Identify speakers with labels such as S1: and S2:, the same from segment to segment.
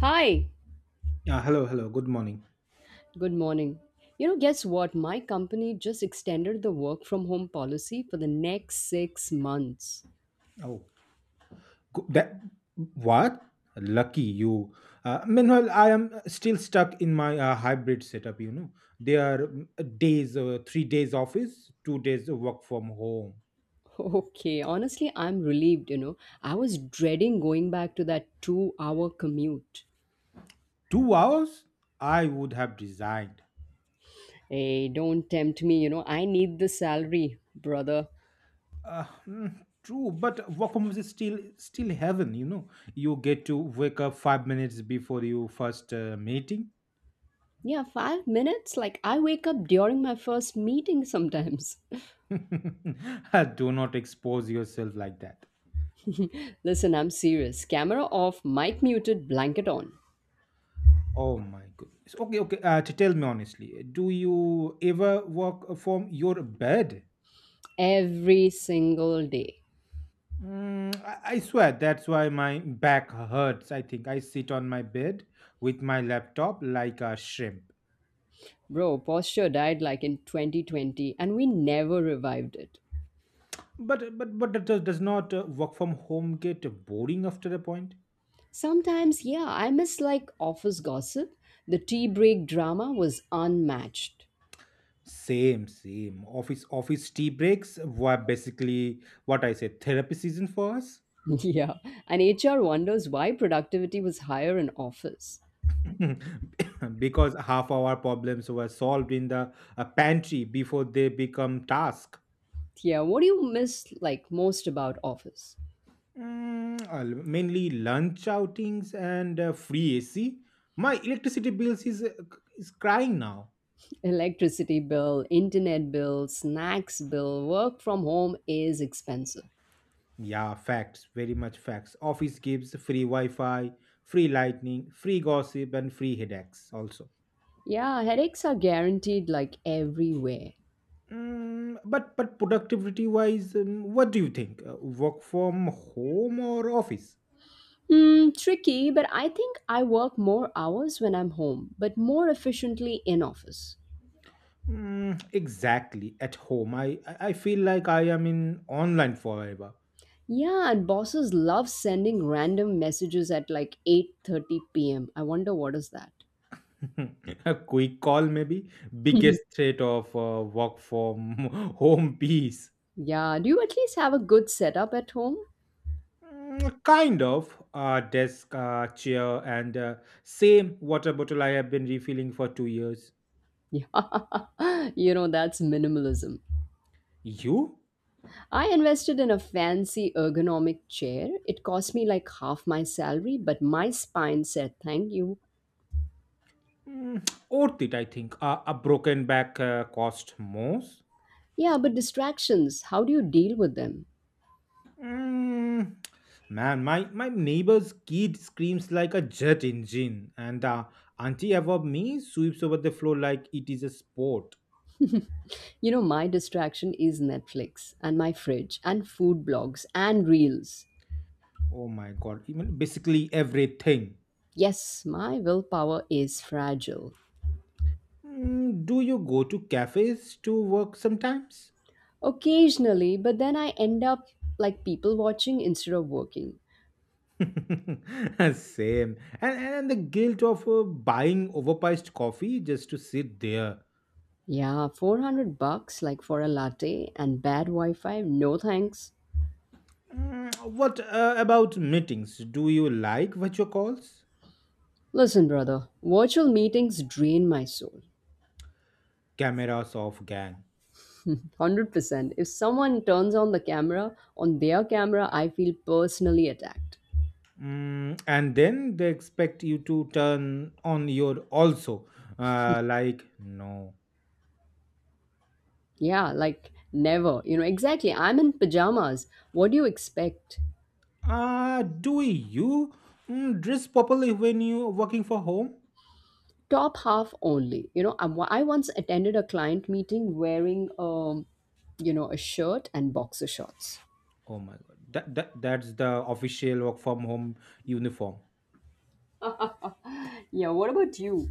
S1: Hi,
S2: Hello, hello. Good morning.
S1: good morning. You know, guess what? My company just extended the work from home policy for the next 6 months.
S2: Oh, that what? Lucky you. Meanwhile, I am still stuck in my hybrid setup. There are days, 3 days office, 2 days work from home.
S1: Okay, honestly, I'm relieved, you know. I was dreading going back to that 2 hour commute.
S2: 2 hours, I would have resigned.
S1: Hey, don't tempt me, you know. I need the salary, brother.
S2: True, but work from home is still heaven. You get to wake up 5 minutes before your first meeting.
S1: Yeah, 5 minutes? Like, I wake up during my first meeting sometimes.
S2: Do not expose yourself like that.
S1: Listen, I'm serious. Camera off, mic muted, blanket on.
S2: Oh my goodness. Okay, okay. To tell me honestly, do you ever work from your bed?
S1: Every single day.
S2: I swear that's why my back hurts. I think I sit on my bed with my laptop like a shrimp.
S1: Bro, posture died like in 2020 and we never revived it.
S2: But that does not work from home get boring after a point?
S1: Sometimes, yeah, I miss like office gossip. The tea break drama was unmatched.
S2: Same, same. Office tea breaks were basically what I said therapy season for us.
S1: Yeah, and HR wonders why productivity was higher in office.
S2: Because half our problems were solved in the pantry before they become task.
S1: Yeah, what do you miss like most about office?
S2: Mainly lunch outings and free AC. My electricity bills is crying now.
S1: Electricity bill, internet bill, snacks bill, work from home is expensive.
S2: Yeah, facts, very much facts. Office gives free Wi-Fi, free lightning, free gossip, and free headaches also.
S1: Yeah, headaches are guaranteed like everywhere.
S2: But productivity wise, what do you think? Work from home or office?
S1: Hmm, tricky, but I think I work more hours when I'm home, but more efficiently in office.
S2: Exactly. At home, I feel like I am in online forever.
S1: Yeah, and bosses love sending random messages at like 8:30 p.m. I wonder what is that.
S2: A quick call, maybe. Biggest threat of work from home peace.
S1: Yeah, do you at least have a good setup at home?
S2: Kind of. Desk, chair, and same water bottle I have been refilling for 2 years.
S1: Yeah, you know, that's minimalism.
S2: You?
S1: I invested in a fancy ergonomic chair. It cost me like half my salary, but my spine said thank you.
S2: Worth it, I think. A broken back cost most.
S1: Yeah, but distractions, how do you deal with them?
S2: Mm, Man, my neighbor's kid screams like a jet engine, and the auntie above me sweeps over the floor like it is a sport.
S1: You know, my distraction is Netflix and my fridge and food blogs and reels.
S2: Oh my god, even basically everything.
S1: Yes, my willpower is fragile.
S2: Do you go to cafes to work sometimes?
S1: Occasionally, but then I end up like people watching instead of working.
S2: Same. And the guilt of buying overpriced coffee just to sit there.
S1: Yeah, $400 like for a latte and bad Wi Fi, no thanks.
S2: What about meetings? Do you like virtual calls?
S1: Listen, brother, virtual meetings drain my soul.
S2: Cameras off, gang.
S1: 100%. If someone turns on the camera, on their camera, I feel personally attacked.
S2: And then they expect you to turn on your also. Like, no.
S1: Yeah, like never. You know, exactly. I'm in pajamas. What do you expect?
S2: Do you dress properly when you working for home?
S1: Top half only. You know, I'm, I once attended a client meeting wearing, a shirt and boxer shorts.
S2: Oh my god, that's the official work from home uniform.
S1: Yeah, what about you?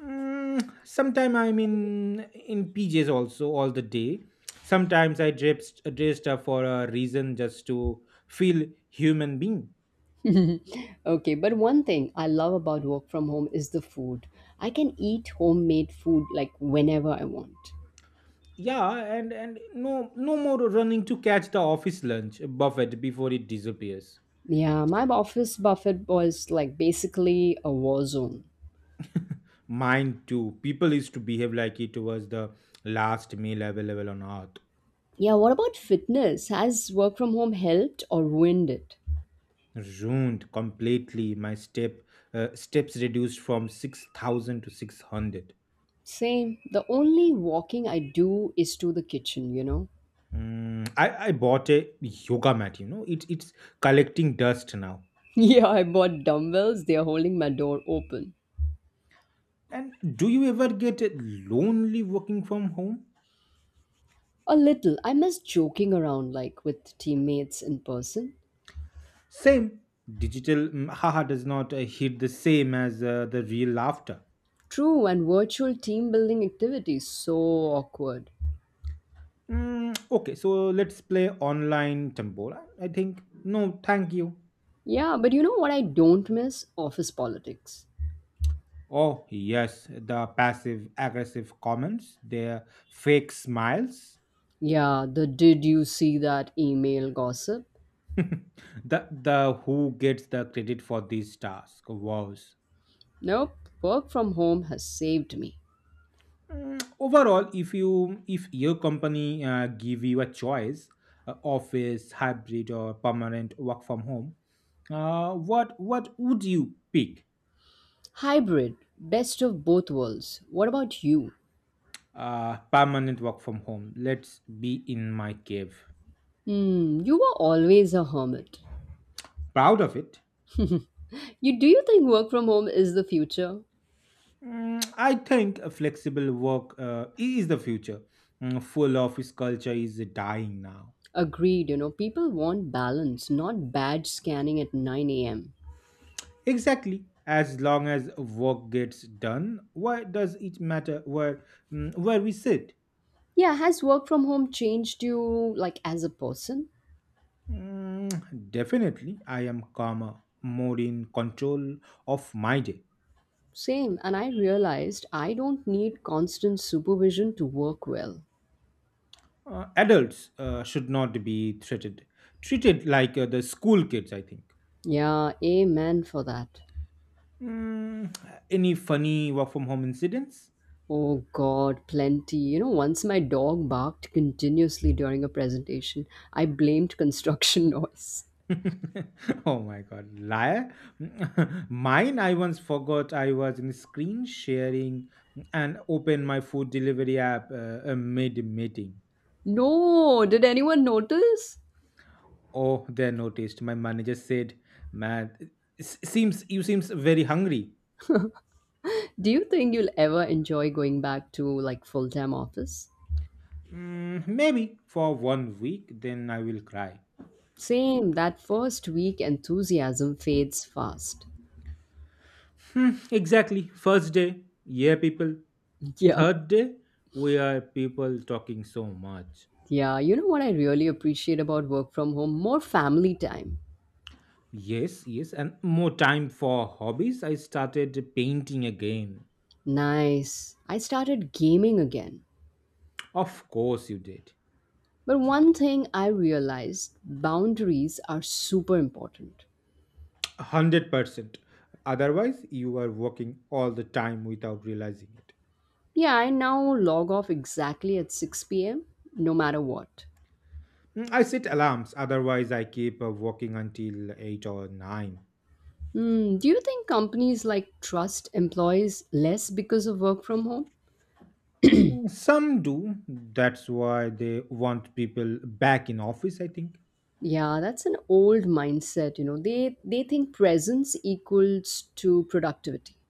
S2: Sometime I'm in PJs also all the day. Sometimes I dressed up for a reason just to feel human being.
S1: Okay, but one thing I love about work from home is the food. I can eat homemade food like whenever I want.
S2: Yeah, and no more running to catch the office lunch buffet before it disappears.
S1: Yeah, my office buffet was like basically a war zone.
S2: Mine too. People used to behave like it was the last meal available on earth.
S1: Yeah, what about fitness? Has work from home helped or ruined it?
S2: Ruined completely. My steps reduced from 6,000 to 600.
S1: Same. The only walking I do is to the kitchen, you know?
S2: I bought a yoga mat. It's collecting dust now.
S1: Yeah, I bought dumbbells. They are holding my door open.
S2: And do you ever get lonely working from home?
S1: A little. I miss joking around like with teammates in person.
S2: Same. Digital haha does not hit the same as the real laughter.
S1: True, and virtual team building activities. So awkward.
S2: Okay, so let's play online tambola. I think no, thank you.
S1: Yeah, but you know what I don't miss? Office politics.
S2: Oh yes, the passive aggressive comments, their fake smiles.
S1: Yeah, the did you see that email gossip?
S2: The who gets the credit for these tasks? Wow.
S1: Nope. Work from home has saved me.
S2: Overall, if you if your company give you a choice, office, hybrid or permanent work from home, what would you pick?
S1: Hybrid. Best of both worlds. What about you?
S2: Permanent work from home, let's be in my cave.
S1: Hmm, you were always a hermit.
S2: Proud of it.
S1: You do you think work from home is the future?
S2: I think a flexible work is the future. Full office culture is dying now.
S1: Agreed, you know, people want balance, not badge scanning at 9 a.m.
S2: Exactly, as long as work gets done, why does it matter where, where we sit.
S1: Yeah, has work from home changed you like as a person?
S2: Definitely, I am calmer, more in control of my day.
S1: Same, and I realized I don't need constant supervision to work well.
S2: Adults should not be treated like the school kids, I think.
S1: Yeah, amen for that.
S2: Mm, any funny work from home incidents?
S1: Oh god, plenty. You know, once my dog barked continuously during a presentation, I blamed construction noise.
S2: Oh my god, liar! Mine, I once forgot I was in screen sharing and opened my food delivery app mid meeting.
S1: No, did anyone notice?
S2: Oh, they noticed. My manager said, "Man, seems very hungry."
S1: Do you think you'll ever enjoy going back to like full-time office?
S2: Maybe for one week, then I will cry.
S1: Same, that first week enthusiasm fades fast.
S2: Hmm, exactly. First day, yeah, people.
S1: Yeah,
S2: Third day, we are people talking so much.
S1: yeah, you know what I really appreciate about work from home? More family time.
S2: Yes, yes, and more time for hobbies. I started painting again.
S1: Nice. I started gaming again.
S2: Of course, you did.
S1: But one thing I realized, boundaries are super important.
S2: 100%. Otherwise, you are working all the time without realizing it.
S1: Yeah, I now log off exactly at 6 p.m. no matter what.
S2: I set alarms, otherwise, I keep working until 8 or 9.
S1: Mm, do you think companies like trust employees less because of work from home?
S2: Some do. That's why they want people back in office, I think.
S1: Yeah, that's an old mindset, you know. They think presence equals to productivity.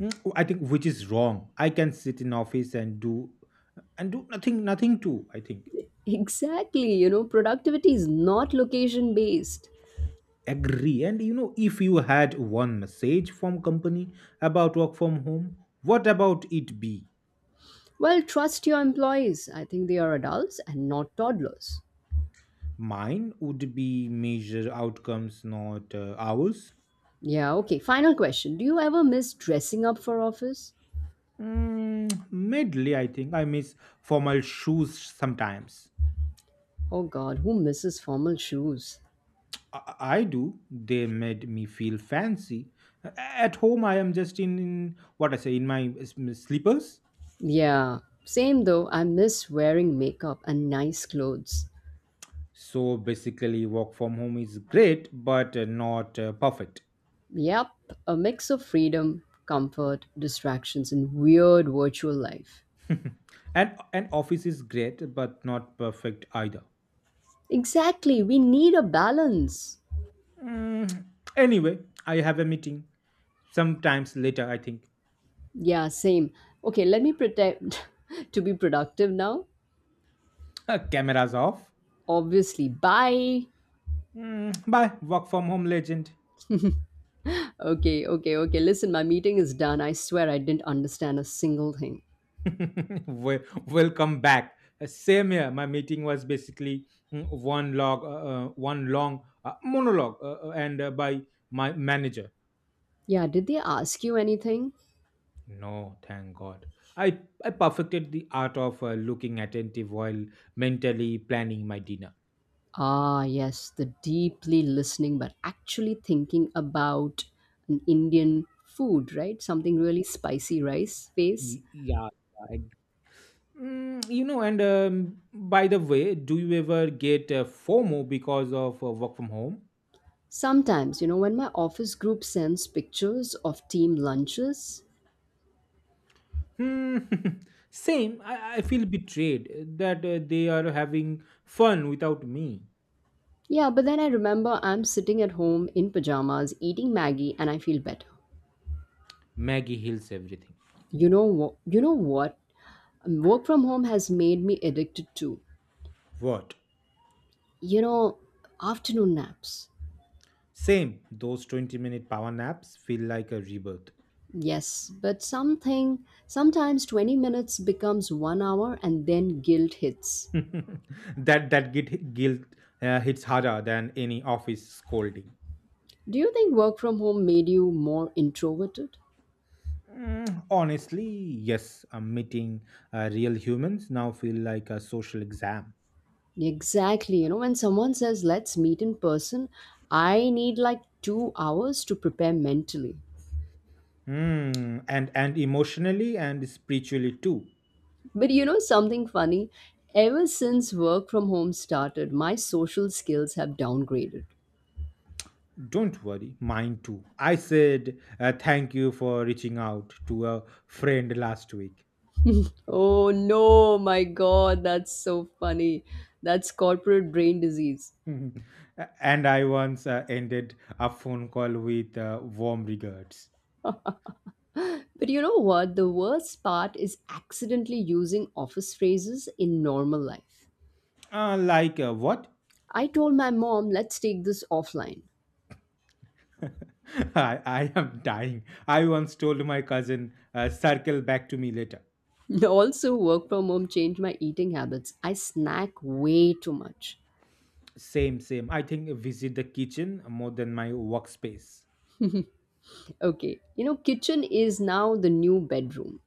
S2: I think which is wrong. I can sit in office and do nothing too, I think.
S1: Exactly, you know, productivity is not location based.
S2: Agree. And you know, if you had one message from company about work from home, what about it be?
S1: Well, trust your employees. I think they are adults and not toddlers.
S2: Mine would be measure outcomes, not hours.
S1: Yeah, okay. Final question. Do you ever miss dressing up for office?
S2: Medley, I think. I miss formal shoes sometimes.
S1: Oh god, who misses formal shoes?
S2: I do. They made me feel fancy. At home, I am just in what I say, in my slippers.
S1: Yeah, same though. I miss wearing makeup and nice clothes.
S2: So basically, work from home is great, but not perfect.
S1: Yep, a mix of freedom, comfort, distractions, and weird virtual life.
S2: And office is great, but not perfect either.
S1: Exactly, we need a balance.
S2: Mm, anyway, I have a meeting sometimes later, I think.
S1: Yeah, same. Okay, let me pretend to be productive now.
S2: Cameras off.
S1: Obviously, bye.
S2: Bye, work from home legend.
S1: Okay, okay, okay. Listen, my meeting is done. I swear I didn't understand a single thing.
S2: Welcome back. Same here. My meeting was basically one long monologue, and by my manager.
S1: Yeah, did they ask you anything?
S2: No, thank God. I perfected the art of looking attentive while mentally planning my dinner.
S1: Ah, yes, the deeply listening but actually thinking about an Indian food, right? Something really spicy rice face.
S2: Yeah, yeah. You know. And by the way, do you ever get FOMO because of work from home?
S1: Sometimes, you know, when my office group sends pictures of team lunches,
S2: Hmm. Same. I feel betrayed that they are having fun without me.
S1: yeah, but then I remember I'm sitting at home in pajamas eating Maggie and I feel better.
S2: Maggie heals everything.
S1: You know what? You know what? Work from home has made me addicted to,
S2: What?
S1: you know, afternoon naps.
S2: Same. Those 20-minute power naps feel like a rebirth.
S1: Yes, but something sometimes 20 minutes becomes 1 hour and then guilt hits.
S2: That guilt hits harder than any office scolding.
S1: Do you think work from home made you more introverted?
S2: Honestly, yes. Meeting Real humans now feel like a social exam.
S1: Exactly. You know, when someone says, let's meet in person, I need like 2 hours to prepare mentally.
S2: Hmm. And emotionally and spiritually too.
S1: But you know, something funny? Ever since work from home started, my social skills have downgraded.
S2: Don't worry, mine too. I said thank you for reaching out to a friend last week.
S1: Oh no, my God, that's so funny. That's corporate brain disease.
S2: And I once ended a phone call with warm regards.
S1: But you know what? The worst part is accidentally using office phrases in normal life.
S2: Like what?
S1: I told my mom, let's take this offline.
S2: I am dying. I once told my cousin, circle back to me later.
S1: Also, work from home changed my eating habits. I snack way too much.
S2: Same, same. I think visit the kitchen more than my workspace.
S1: Okay, you know, kitchen is now the new bedroom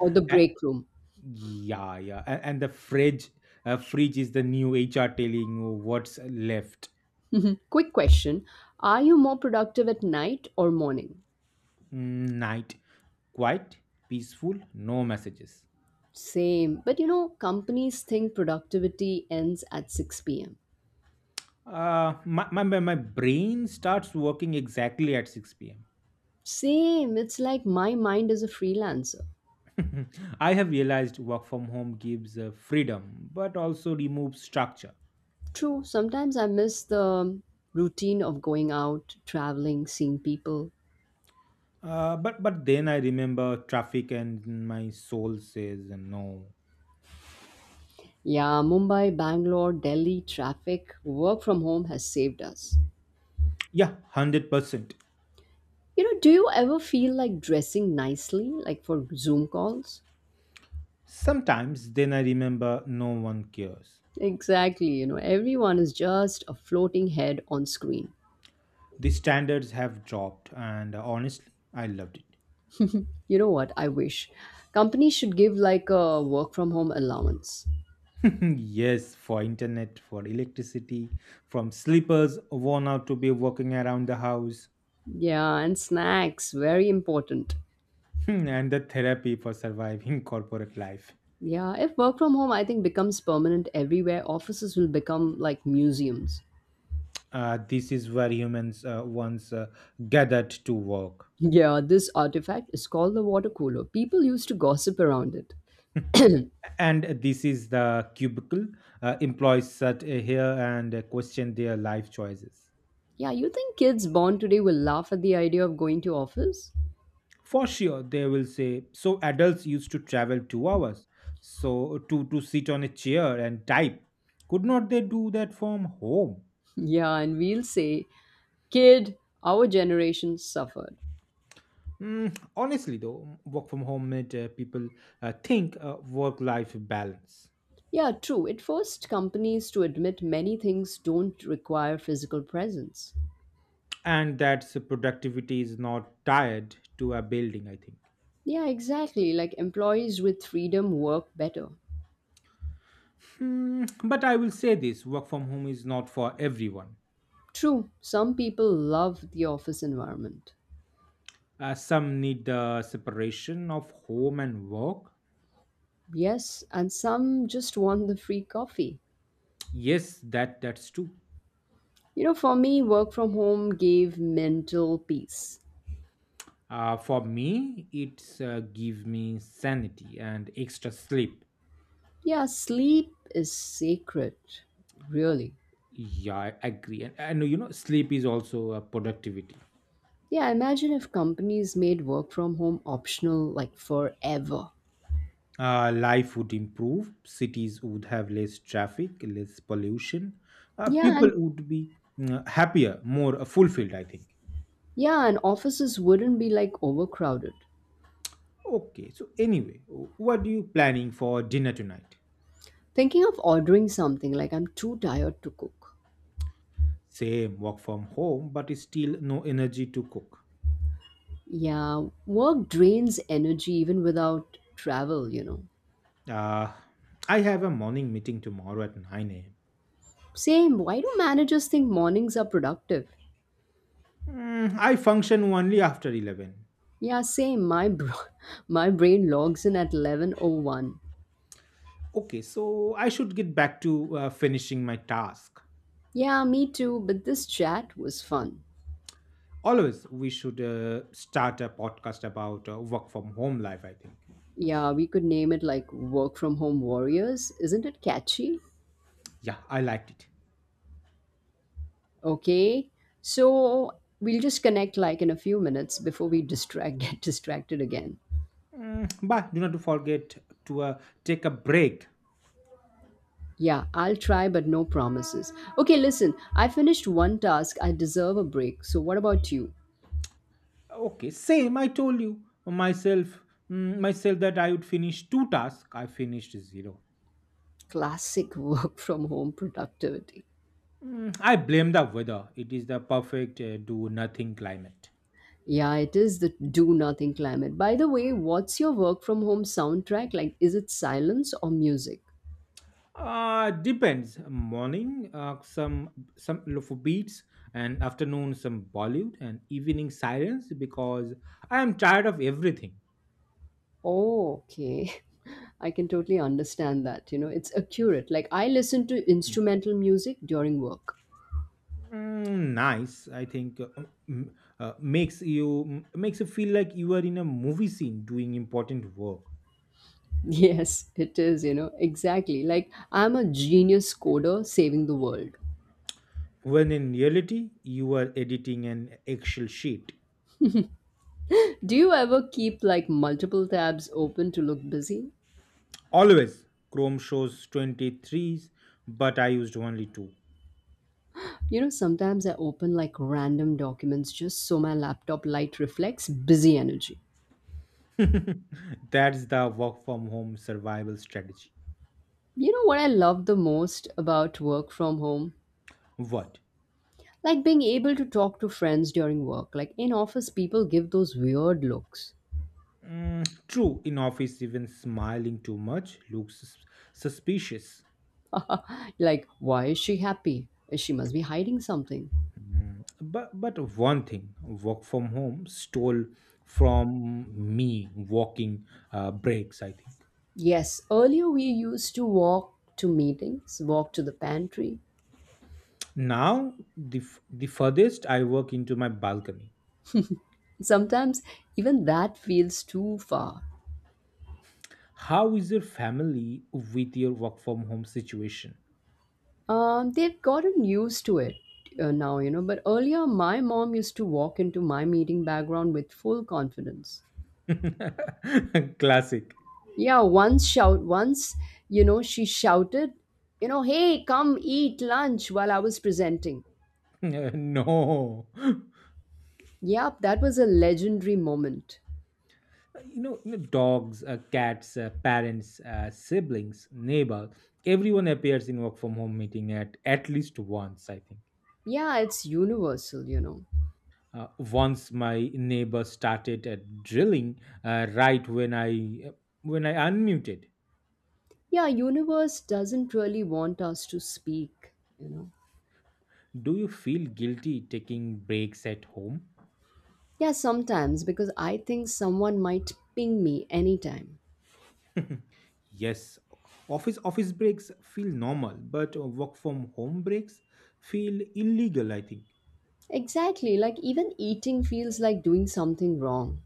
S1: or the
S2: Uh,
S1: break room.
S2: yeah, yeah. And fridge is the new HR telling you what's left.
S1: Quick question. Are you more productive at night or morning?
S2: Night, quiet, peaceful, no messages.
S1: Same. But you know, companies think productivity ends at 6 p.m.
S2: My brain starts working exactly at 6 p.m.
S1: Same. It's like my mind is a freelancer.
S2: I have realized work from home gives freedom but also removes structure.
S1: True, sometimes I miss the routine of going out, traveling, seeing people.
S2: But then I remember traffic and my soul says no.
S1: Yeah, Mumbai, Bangalore, Delhi traffic, work from home has saved us.
S2: Yeah, 100%.
S1: You know, do you ever feel like dressing nicely, like for Zoom calls?
S2: Sometimes then I remember no one cares.
S1: Exactly, you know, everyone is just a floating head on screen.
S2: The standards have dropped and honestly I loved it.
S1: You know what? I wish companies should give like a work from home allowance.
S2: Yes, for internet, for electricity, from sleepers worn out to be walking around the house.
S1: Yeah, and snacks, very important.
S2: And the therapy for surviving corporate life.
S1: Yeah, if work from home, I think becomes permanent everywhere, offices will become like museums.
S2: This is where humans once gathered to work.
S1: Yeah, this artifact is called the water cooler. People used to gossip around it.
S2: And this is the cubicle. Employees sat here and question their life choices.
S1: Yeah, you think kids born today will laugh at the idea of going to office?
S2: For sure, they will say, so adults used to travel 2 hours, so to sit on a chair and type. Could not they do that from home?
S1: Yeah, and we'll say, kid, our generation suffered.
S2: Honestly, though, work from home made people think work life balance.
S1: Yeah, true. It forced companies to admit many things don't require physical presence.
S2: And that productivity is not tied to a building, I think.
S1: Yeah, exactly. Like employees with freedom work better.
S2: Hmm, but I will say this work from home is not for everyone.
S1: True, some people love the office environment.
S2: Some need the separation of home and work.
S1: Yes, and some just want the free coffee.
S2: Yes, that's true.
S1: You know, for me, work from home gave mental peace.
S2: For me, it's give me sanity and extra sleep.
S1: Yeah, sleep is sacred, really.
S2: Yeah, I agree. And you know, sleep is also a productivity.
S1: Yeah, imagine if companies made work from home optional like forever.
S2: Life would improve, cities would have less traffic, less pollution,
S1: Yeah,
S2: people
S1: and
S2: would be happier, more fulfilled, I think.
S1: yeah, and offices wouldn't be like overcrowded.
S2: Okay, so anyway, what are you planning for dinner tonight?
S1: Thinking of ordering something like I'm too tired to cook.
S2: Same, work from home but still no energy to cook.
S1: Yeah, work drains energy even without travel, you know.
S2: Uh, i have a morning meeting tomorrow at 9 a.m.
S1: Same, why do managers think mornings are productive?
S2: I function only after 11.
S1: Yeah, same. My br- my brain logs in at 11:01.
S2: Okay, so I should get back to finishing my task.
S1: Yeah, me too, but this chat was fun.
S2: Always, we should start a podcast about work from home life, I think.
S1: Yeah, we could name it like work from home warriors. Isn't it catchy?
S2: Yeah, I liked it.
S1: Okay. So, we'll just connect like in a few minutes before we distract get distracted again.
S2: But do not to forget to take a break.
S1: Yeah, I'll try but no promises. Okay, listen. I finished one task. I deserve a break. So, what about you?
S2: Okay, same, I told you myself that I would finish two tasks, I finished zero.
S1: Classic work from home productivity.
S2: I blame the weather, it is the perfect do nothing climate.
S1: Yeah, it is the do nothing climate. By the way, what's your work from home soundtrack? Like, is it silence or music?
S2: Depends. Morning, some for beats, and afternoon some Bollywood, and evening silence because I am tired of everything.
S1: Oh, okay. I can totally understand that. You know, it's accurate. Like, I listen to instrumental music during work.
S2: Nice, I think. Mm, makes you feel like you are in a movie scene doing important work,
S1: Yes, it is, you know, exactly. Like, I'm a genius coder saving the world.
S2: when in reality you are editing an Excel sheet.
S1: Do you ever keep like multiple tabs open to look busy?
S2: Always, Chrome shows 20 threes, but I used only two.
S1: You know, sometimes I open like random documents just so my laptop light reflects busy energy.
S2: That's the work from home survival strategy.
S1: You know what I love the most about work from home?
S2: What?
S1: Like being able to talk to friends during work. Like in office, people give those weird looks.
S2: True, in office, even smiling too much looks suspicious.
S1: Like, why is she happy? She must be hiding something.
S2: But one thing, work from home stole from me walking breaks, I think.
S1: Yes, earlier we used to walk to meetings, walk to the pantry.
S2: Now the furthest I work into my balcony.
S1: Sometimes even that feels too far.
S2: How is your family with your work from home situation?
S1: They've gotten used to it now, you know, but earlier my mom used to walk into my meeting background with full confidence.
S2: Classic.
S1: Yeah, once shout once, you know, she shouted, you know, hey, come eat lunch while I was presenting.
S2: No,
S1: Yep, that was a legendary moment.
S2: dogs, cats, parents, siblings, neighbor, everyone appears in work from home meeting at least once, I think.
S1: Yeah, it's universal, you know.
S2: Once my neighbor started drilling right when I unmuted.
S1: Yeah, universe doesn't really want us to speak, you know.
S2: Do you feel guilty taking breaks at home?
S1: Yeah, sometimes because I think someone might ping me anytime.
S2: Yes. Office breaks feel normal, but work from home breaks feel illegal, I think.
S1: Exactly, like even eating feels like doing something wrong.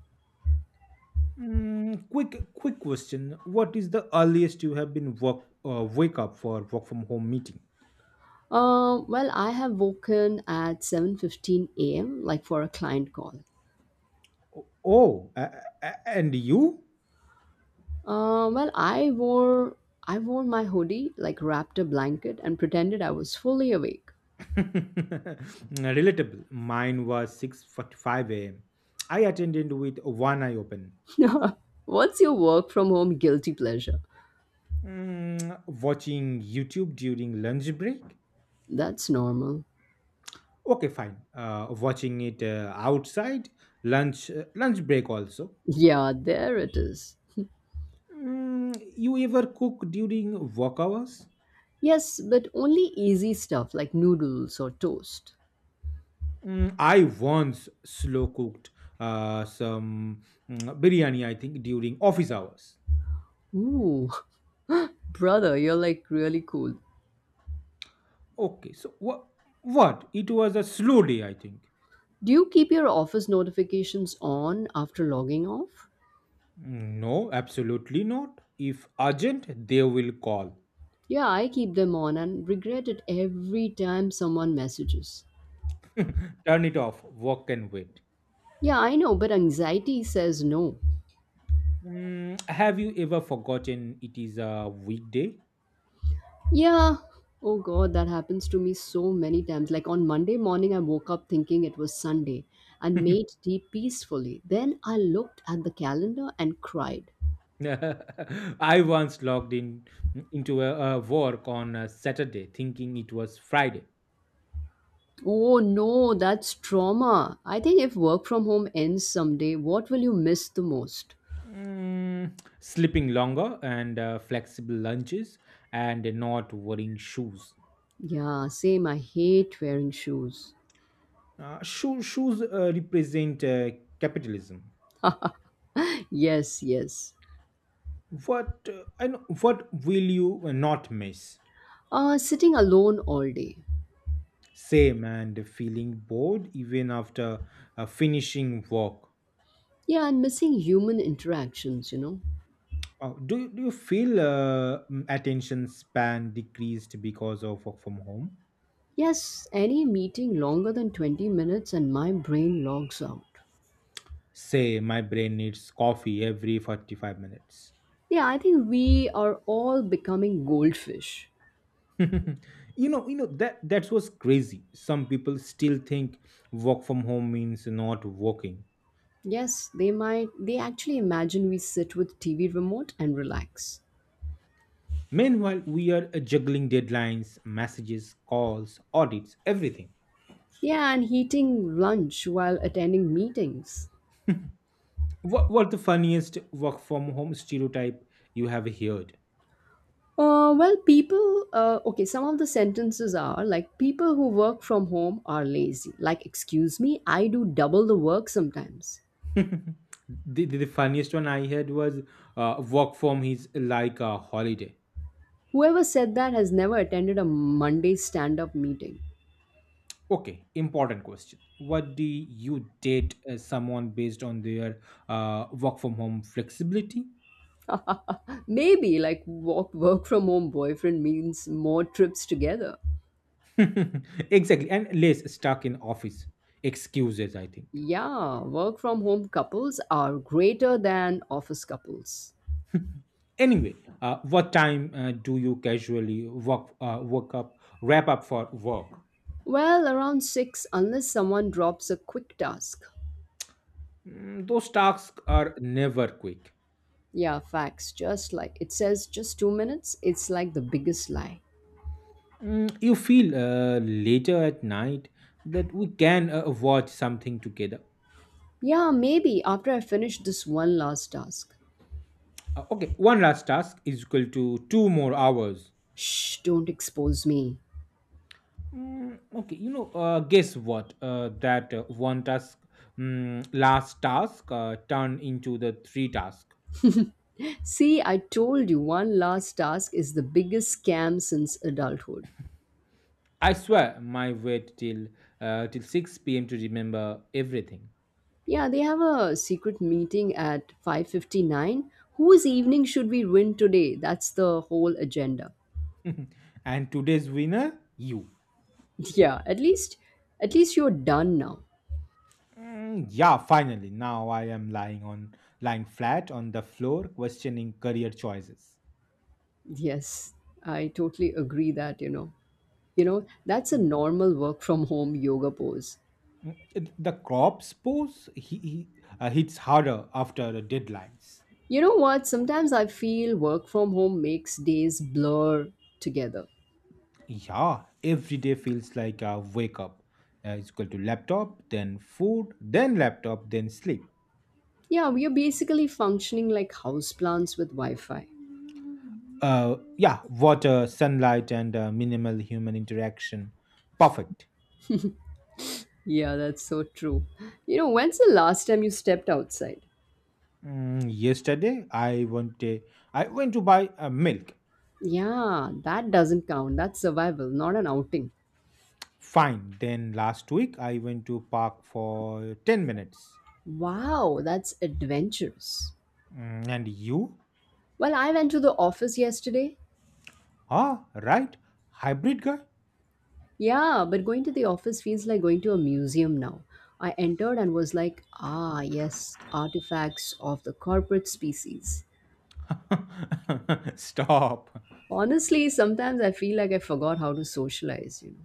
S2: Quick question. What is the earliest you have been work wake up for work from home meeting?
S1: Well, I have woken at 7:15 a.m. like for a client call.
S2: Oh, and you?
S1: Well, I wore my hoodie, like wrapped a blanket, and pretended I was fully awake.
S2: Relatable. Mine was 6:45 a.m. I attended with one eye open.
S1: What's your work from home guilty pleasure?
S2: Watching YouTube during lunch break.
S1: That's normal.
S2: Okay, fine. Watching it outside lunch break also.
S1: Yeah, there it is.
S2: You ever cook during work hours?
S1: Yes, but only easy stuff like noodles or toast.
S2: I once slow cooked some biryani, I think, during office hours.
S1: Ooh, brother, you're like really cool.
S2: Okay, so what? What? It was a slow day, I think.
S1: Do you keep your office notifications on after logging off?
S2: No, absolutely not. If urgent, they will call.
S1: Yeah, I keep them on and regret it every time someone messages.
S2: Turn it off. Work can wait.
S1: Yeah, I know, but anxiety says no.
S2: Have you ever forgotten it is a weekday?
S1: Yeah. Oh god, that happens to me so many times. Like on Monday morning, I woke up thinking it was Sunday and made tea peacefully. Then I looked at the calendar and cried.
S2: I once logged in, into a work on a Saturday, thinking it was Friday.
S1: Oh no, that's trauma. I think if work from home ends someday, what will you miss the most?
S2: Sleeping longer and flexible lunches and not wearing shoes.
S1: Yeah, same. I hate wearing shoes.
S2: Shoes represent capitalism.
S1: Yes, yes.
S2: What I know, what will you not miss?
S1: Sitting alone all day.
S2: Same, and feeling bored even after finishing work.
S1: Yeah, and missing human interactions.
S2: Do you feel attention span decreased because of work from home?
S1: Yes, any meeting longer than 20 minutes and my brain logs out.
S2: Say, my brain needs coffee every 45 minutes.
S1: Yeah, I think we are all becoming goldfish.
S2: You know that was crazy. Some people still think work from home means not working,
S1: Yes, they actually imagine we sit with TV remote and relax.
S2: meanwhile we are juggling deadlines, messages, calls, audits, everything.
S1: Yeah, and eating lunch while attending meetings.
S2: What the funniest work from home stereotype you have heard?
S1: Well, people, okay, some of the sentences are like people who work from home are lazy. Like, excuse me, I do double the work sometimes.
S2: the, the funniest one I heard was work from is like a holiday.
S1: Whoever said that has never attended a Monday stand up meeting.
S2: Okay, important question. What do you date someone based on their work from home flexibility?
S1: Maybe like work from home boyfriend means more trips together.
S2: Exactly, and less stuck in office excuses, I think.
S1: Yeah, work from home couples are greater than office couples.
S2: Anyway, what time do you casually work work up wrap up for work?
S1: Well, around 6 unless someone drops a quick task.
S2: Those tasks are never quick.
S1: Yeah, facts, just like it says just 2 minutes, it's like the biggest lie.
S2: You feel later at night that we can watch something together?
S1: Yeah, maybe after I finish this one last task.
S2: Okay, one last task is equal to two more hours.
S1: Shh, don't expose me.
S2: Okay, you know, guess what? That one task, last task, turned into the three task.
S1: See, I told you one last task is the biggest scam since adulthood.
S2: I swear, my wait till till six p.m. to remember everything.
S1: Yeah, they have a secret meeting at 5:59. Whose evening should we ruin today? That's the whole agenda.
S2: And today's winner, you.
S1: Yeah, at least you're done now.
S2: Yeah, finally, now I am lying flat on the floor, questioning career choices.
S1: Yes, I totally agree that. You know, that's a normal work from home yoga pose.
S2: The crop pose hits harder after the deadlines.
S1: You know what? Sometimes I feel work from home makes days blur together.
S2: Yeah, every day feels like a wake up. It's equal to laptop, then food, then laptop, then sleep.
S1: Yeah, we are basically functioning like houseplants with Wi-Fi.
S2: Yeah, water, sunlight, and minimal human interaction. Perfect.
S1: Yeah, that's so true. You know, when's the last time you stepped outside?
S2: Yesterday, I went to buy milk.
S1: Yeah, that doesn't count. That's survival, not an outing.
S2: Fine. Then last week, I went to park for 10 minutes.
S1: Wow, that's adventurous.
S2: And you?
S1: Well, I went to the office yesterday.
S2: Ah, right. Hybrid guy.
S1: Yeah, but going to the office feels like going to a museum now. I entered and was like, ah, yes, artifacts of the corporate species.
S2: Stop.
S1: Honestly, sometimes I feel like I forgot how to socialize.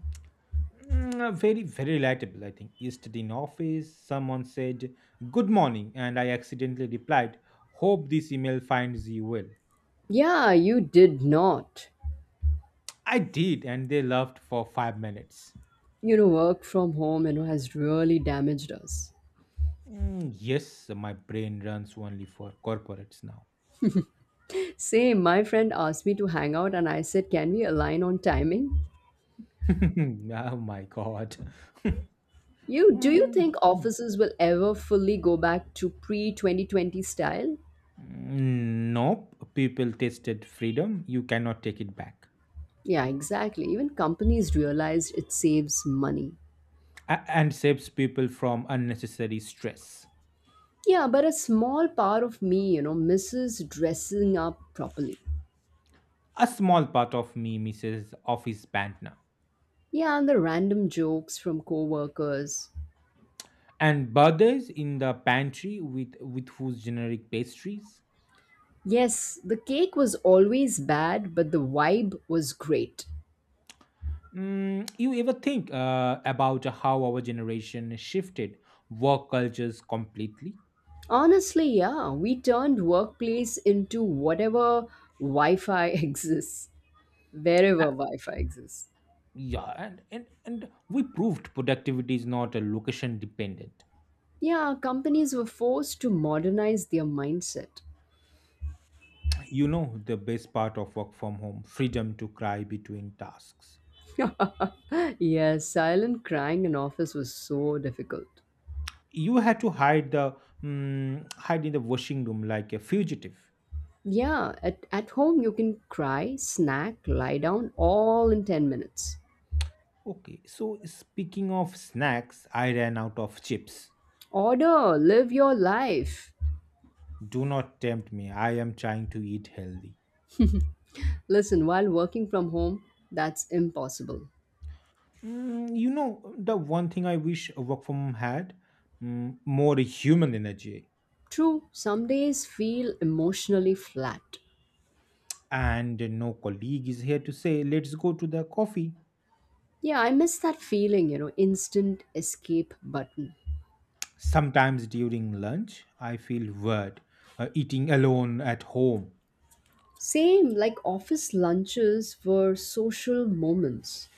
S2: Very, very relatable, I think. Yesterday in office, someone said, "Good morning," and I accidentally replied, "Hope this email finds you well."
S1: Yeah, you did not.
S2: I did, and they laughed for 5 minutes.
S1: You know, work from home has really damaged us.
S2: Yes, my brain runs only for corporates now.
S1: Same, my friend asked me to hang out and I said, "Can we align on timing?"
S2: Oh my god.
S1: You do you
S2: Mm,
S1: think
S2: mm,
S1: offices will ever fully go back to pre-2020 style?
S2: Nope, people tested freedom. You cannot take it back.
S1: Yeah, exactly. Even companies realized it saves money.
S2: And saves people from unnecessary stress.
S1: Yeah, but a small part of me misses dressing up properly.
S2: A small part of me misses office band now.
S1: Yeah, and the random jokes from coworkers.
S2: And birthdays in the pantry with whose generic pastries.
S1: Yes, the cake was always bad, but the vibe was great.
S2: You ever think about how our generation shifted work cultures completely?
S1: Honestly, yeah, we turned workplace into whatever Wi Fi exists,
S2: Uh,
S1: wherever Wi Fi exists.
S2: yeah, and we proved productivity is not a location dependent.
S1: Yeah, companies were forced to modernize their mindset.
S2: You know the best part of work from home? Freedom to cry between tasks.
S1: Yes, silent crying in office was so difficult.
S2: You had to hide the, hide in the washing room like a fugitive.
S1: Yeah, at home you can cry, snack, lie down all in 10 minutes.
S2: Okay, so speaking of snacks, I ran out of chips.
S1: Order, live your life.
S2: Do not tempt me. I am trying to eat healthy.
S1: Listen, while working from home, that's impossible.
S2: You know, the one thing I wish work from home had, more human energy.
S1: True, some days feel emotionally flat.
S2: And no colleague is here to say, let's go to the coffee.
S1: Yeah, I miss that feeling, instant escape button.
S2: Sometimes during lunch, I feel weird eating alone at home.
S1: Same, like office lunches were social moments.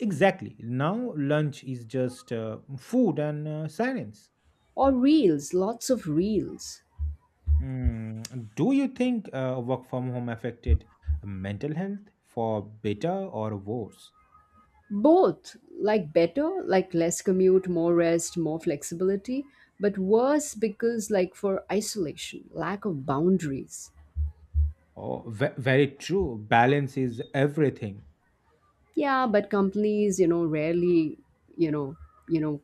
S2: Exactly. Now, lunch is just food and silence.
S1: Or reels, lots of reels.
S2: Do you think work from home affected mental health for better or worse?
S1: Both, like better, like less commute, more rest, more flexibility, but worse because, like, for isolation, lack of boundaries.
S2: Oh, very true. Balance is everything.
S1: Yeah, but companies, rarely, you know, you know,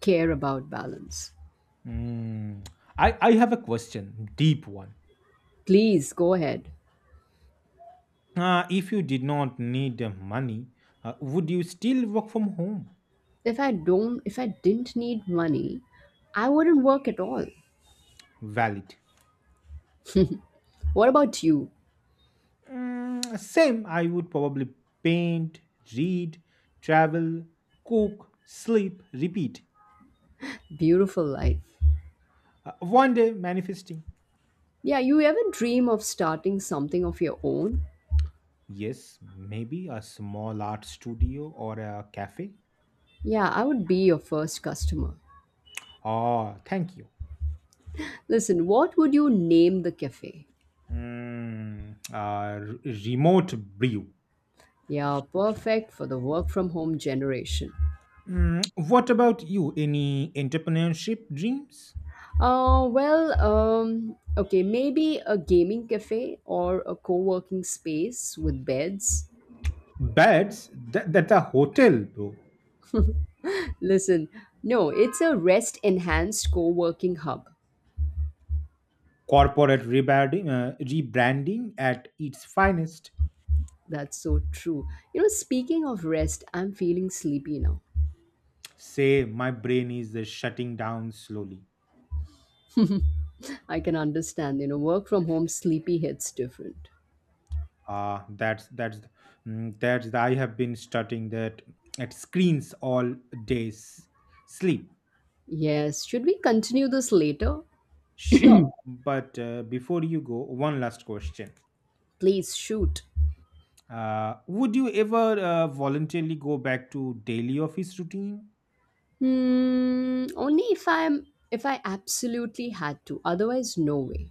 S1: care about balance.
S2: Mm. I have a question, deep one.
S1: Please go ahead.
S2: If you did not need money, would you still work from home?
S1: If I didn't need money, I wouldn't work at all.
S2: Valid.
S1: What about you?
S2: Same, I would probably paint, read, travel, cook, sleep, repeat.
S1: Beautiful life.
S2: One day manifesting.
S1: Yeah, you ever dream of starting something of your own?
S2: Yes, maybe a small art studio or a cafe.
S1: Yeah, I would be your first customer.
S2: Oh, thank you.
S1: Listen, what would you name the cafe?
S2: Mm, uh, r- remote brew.
S1: Yeah, perfect for the work from home generation.
S2: What about you? Any entrepreneurship dreams?
S1: Well, okay, maybe a gaming cafe or a co working space with beds.
S2: Beds? That's a hotel, bro.
S1: Listen, no, it's a rest enhanced co working hub.
S2: Corporate rebranding, rebranding at its finest.
S1: That's so true. You know, speaking of rest, I'm feeling sleepy now.
S2: Say, my brain is shutting down slowly.
S1: I can understand, work from home sleepy hits different.
S2: Ah, that's the, I have been studying that at screens all days. Sleep,
S1: Yes, should we continue this later?
S2: sure, but before you go, one last question.
S1: Please shoot.
S2: Would you ever voluntarily go back to daily office routine?
S1: Hmm, only if I absolutely had to. Otherwise, no way.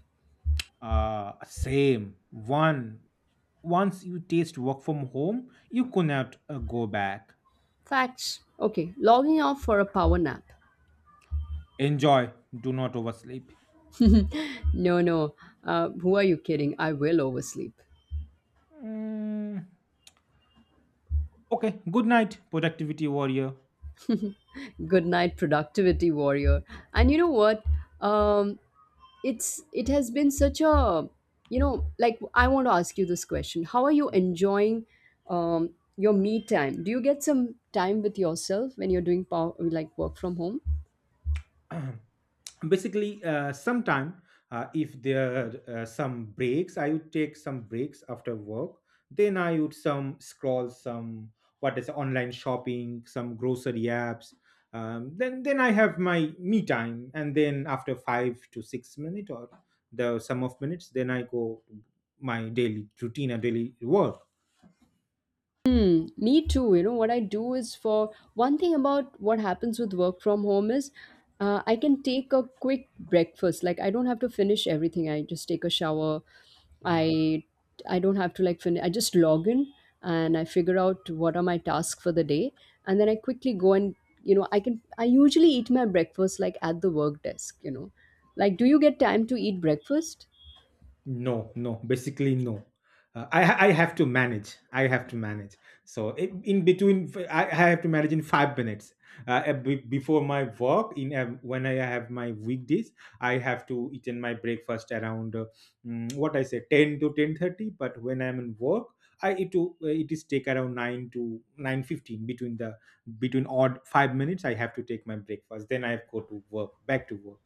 S2: Same one. Once you taste work from home, you cannot go back.
S1: Facts. Okay, logging off for a power nap.
S2: Enjoy. Do not oversleep.
S1: No, no. Who are you kidding? I will oversleep.
S2: Mm, okay. Good night, productivity warrior.
S1: Good night, productivity warrior. And you know what, um it has been such a, like, I want to ask you this question. How are you enjoying um your me time? Do you get some time with yourself when you're doing power, like work from home?
S2: Basically, sometime, if there are some breaks, I would take some breaks after work, then I would some scroll some, what is online shopping, some grocery apps, then I have my me time, and then after 5 to 6 minutes or the sum of minutes, then I go my daily routine and daily work.
S1: Hmm, me too. You know, what I do is for one thing. About what happens with work from home is, I can take a quick breakfast. Like I don't have to finish everything. I just take a shower. I I don't have to like finish. I just log in and I figure out what are my tasks for the day, and then I quickly go and, you know, I usually eat my breakfast like at the work desk. You know, like, do you get time to eat breakfast?
S2: No, Basically no. I have to manage. I have to manage. So, in between, I have to manage in 5 minutes. Before my work, in when I have my weekdays, I have to eat in my breakfast around what I say 10 to 10:30. But when I'm in work, I it to it is take around 9 to 9:15 between odd 5 minutes. I have to take my breakfast. Then I go to work, back to work.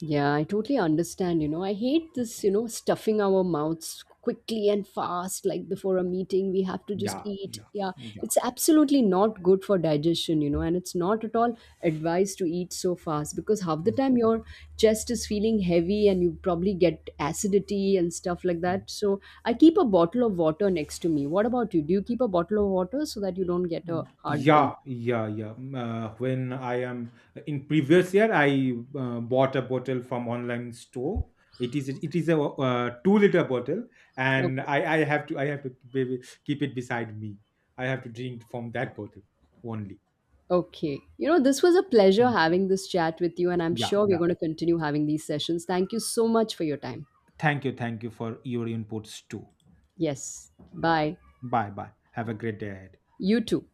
S1: Yeah, I totally understand. You know, I hate this, stuffing our mouths quickly and fast, like before a meeting, we have to just
S2: Yeah,
S1: eat.
S2: yeah,
S1: Yeah,
S2: yeah.
S1: it's absolutely not good for digestion, and it's not at all advised to eat so fast because half the
S2: Mm,
S1: time your chest is feeling heavy and you probably get acidity and stuff like
S2: mm.
S1: that. So I keep a bottle of water next to me. What about you? Do you keep a bottle of water so that you don't get a heartburn?
S2: Yeah, yeah, yeah. When I am in previous year, I bought a bottle from online store. It is a 2 liter bottle,
S1: Oh.
S2: and I have to keep it beside me. I have to drink from that bottle only.
S1: Okay. You know, this was a pleasure
S2: Mm.
S1: having this chat with you, and I'm
S2: Yeah,
S1: sure we're
S2: yeah.
S1: going to continue having these sessions. Thank you so much for your time.
S2: Thank you for your inputs too.
S1: Yes. Bye.
S2: Bye, bye. Have a great day ahead.
S1: You too.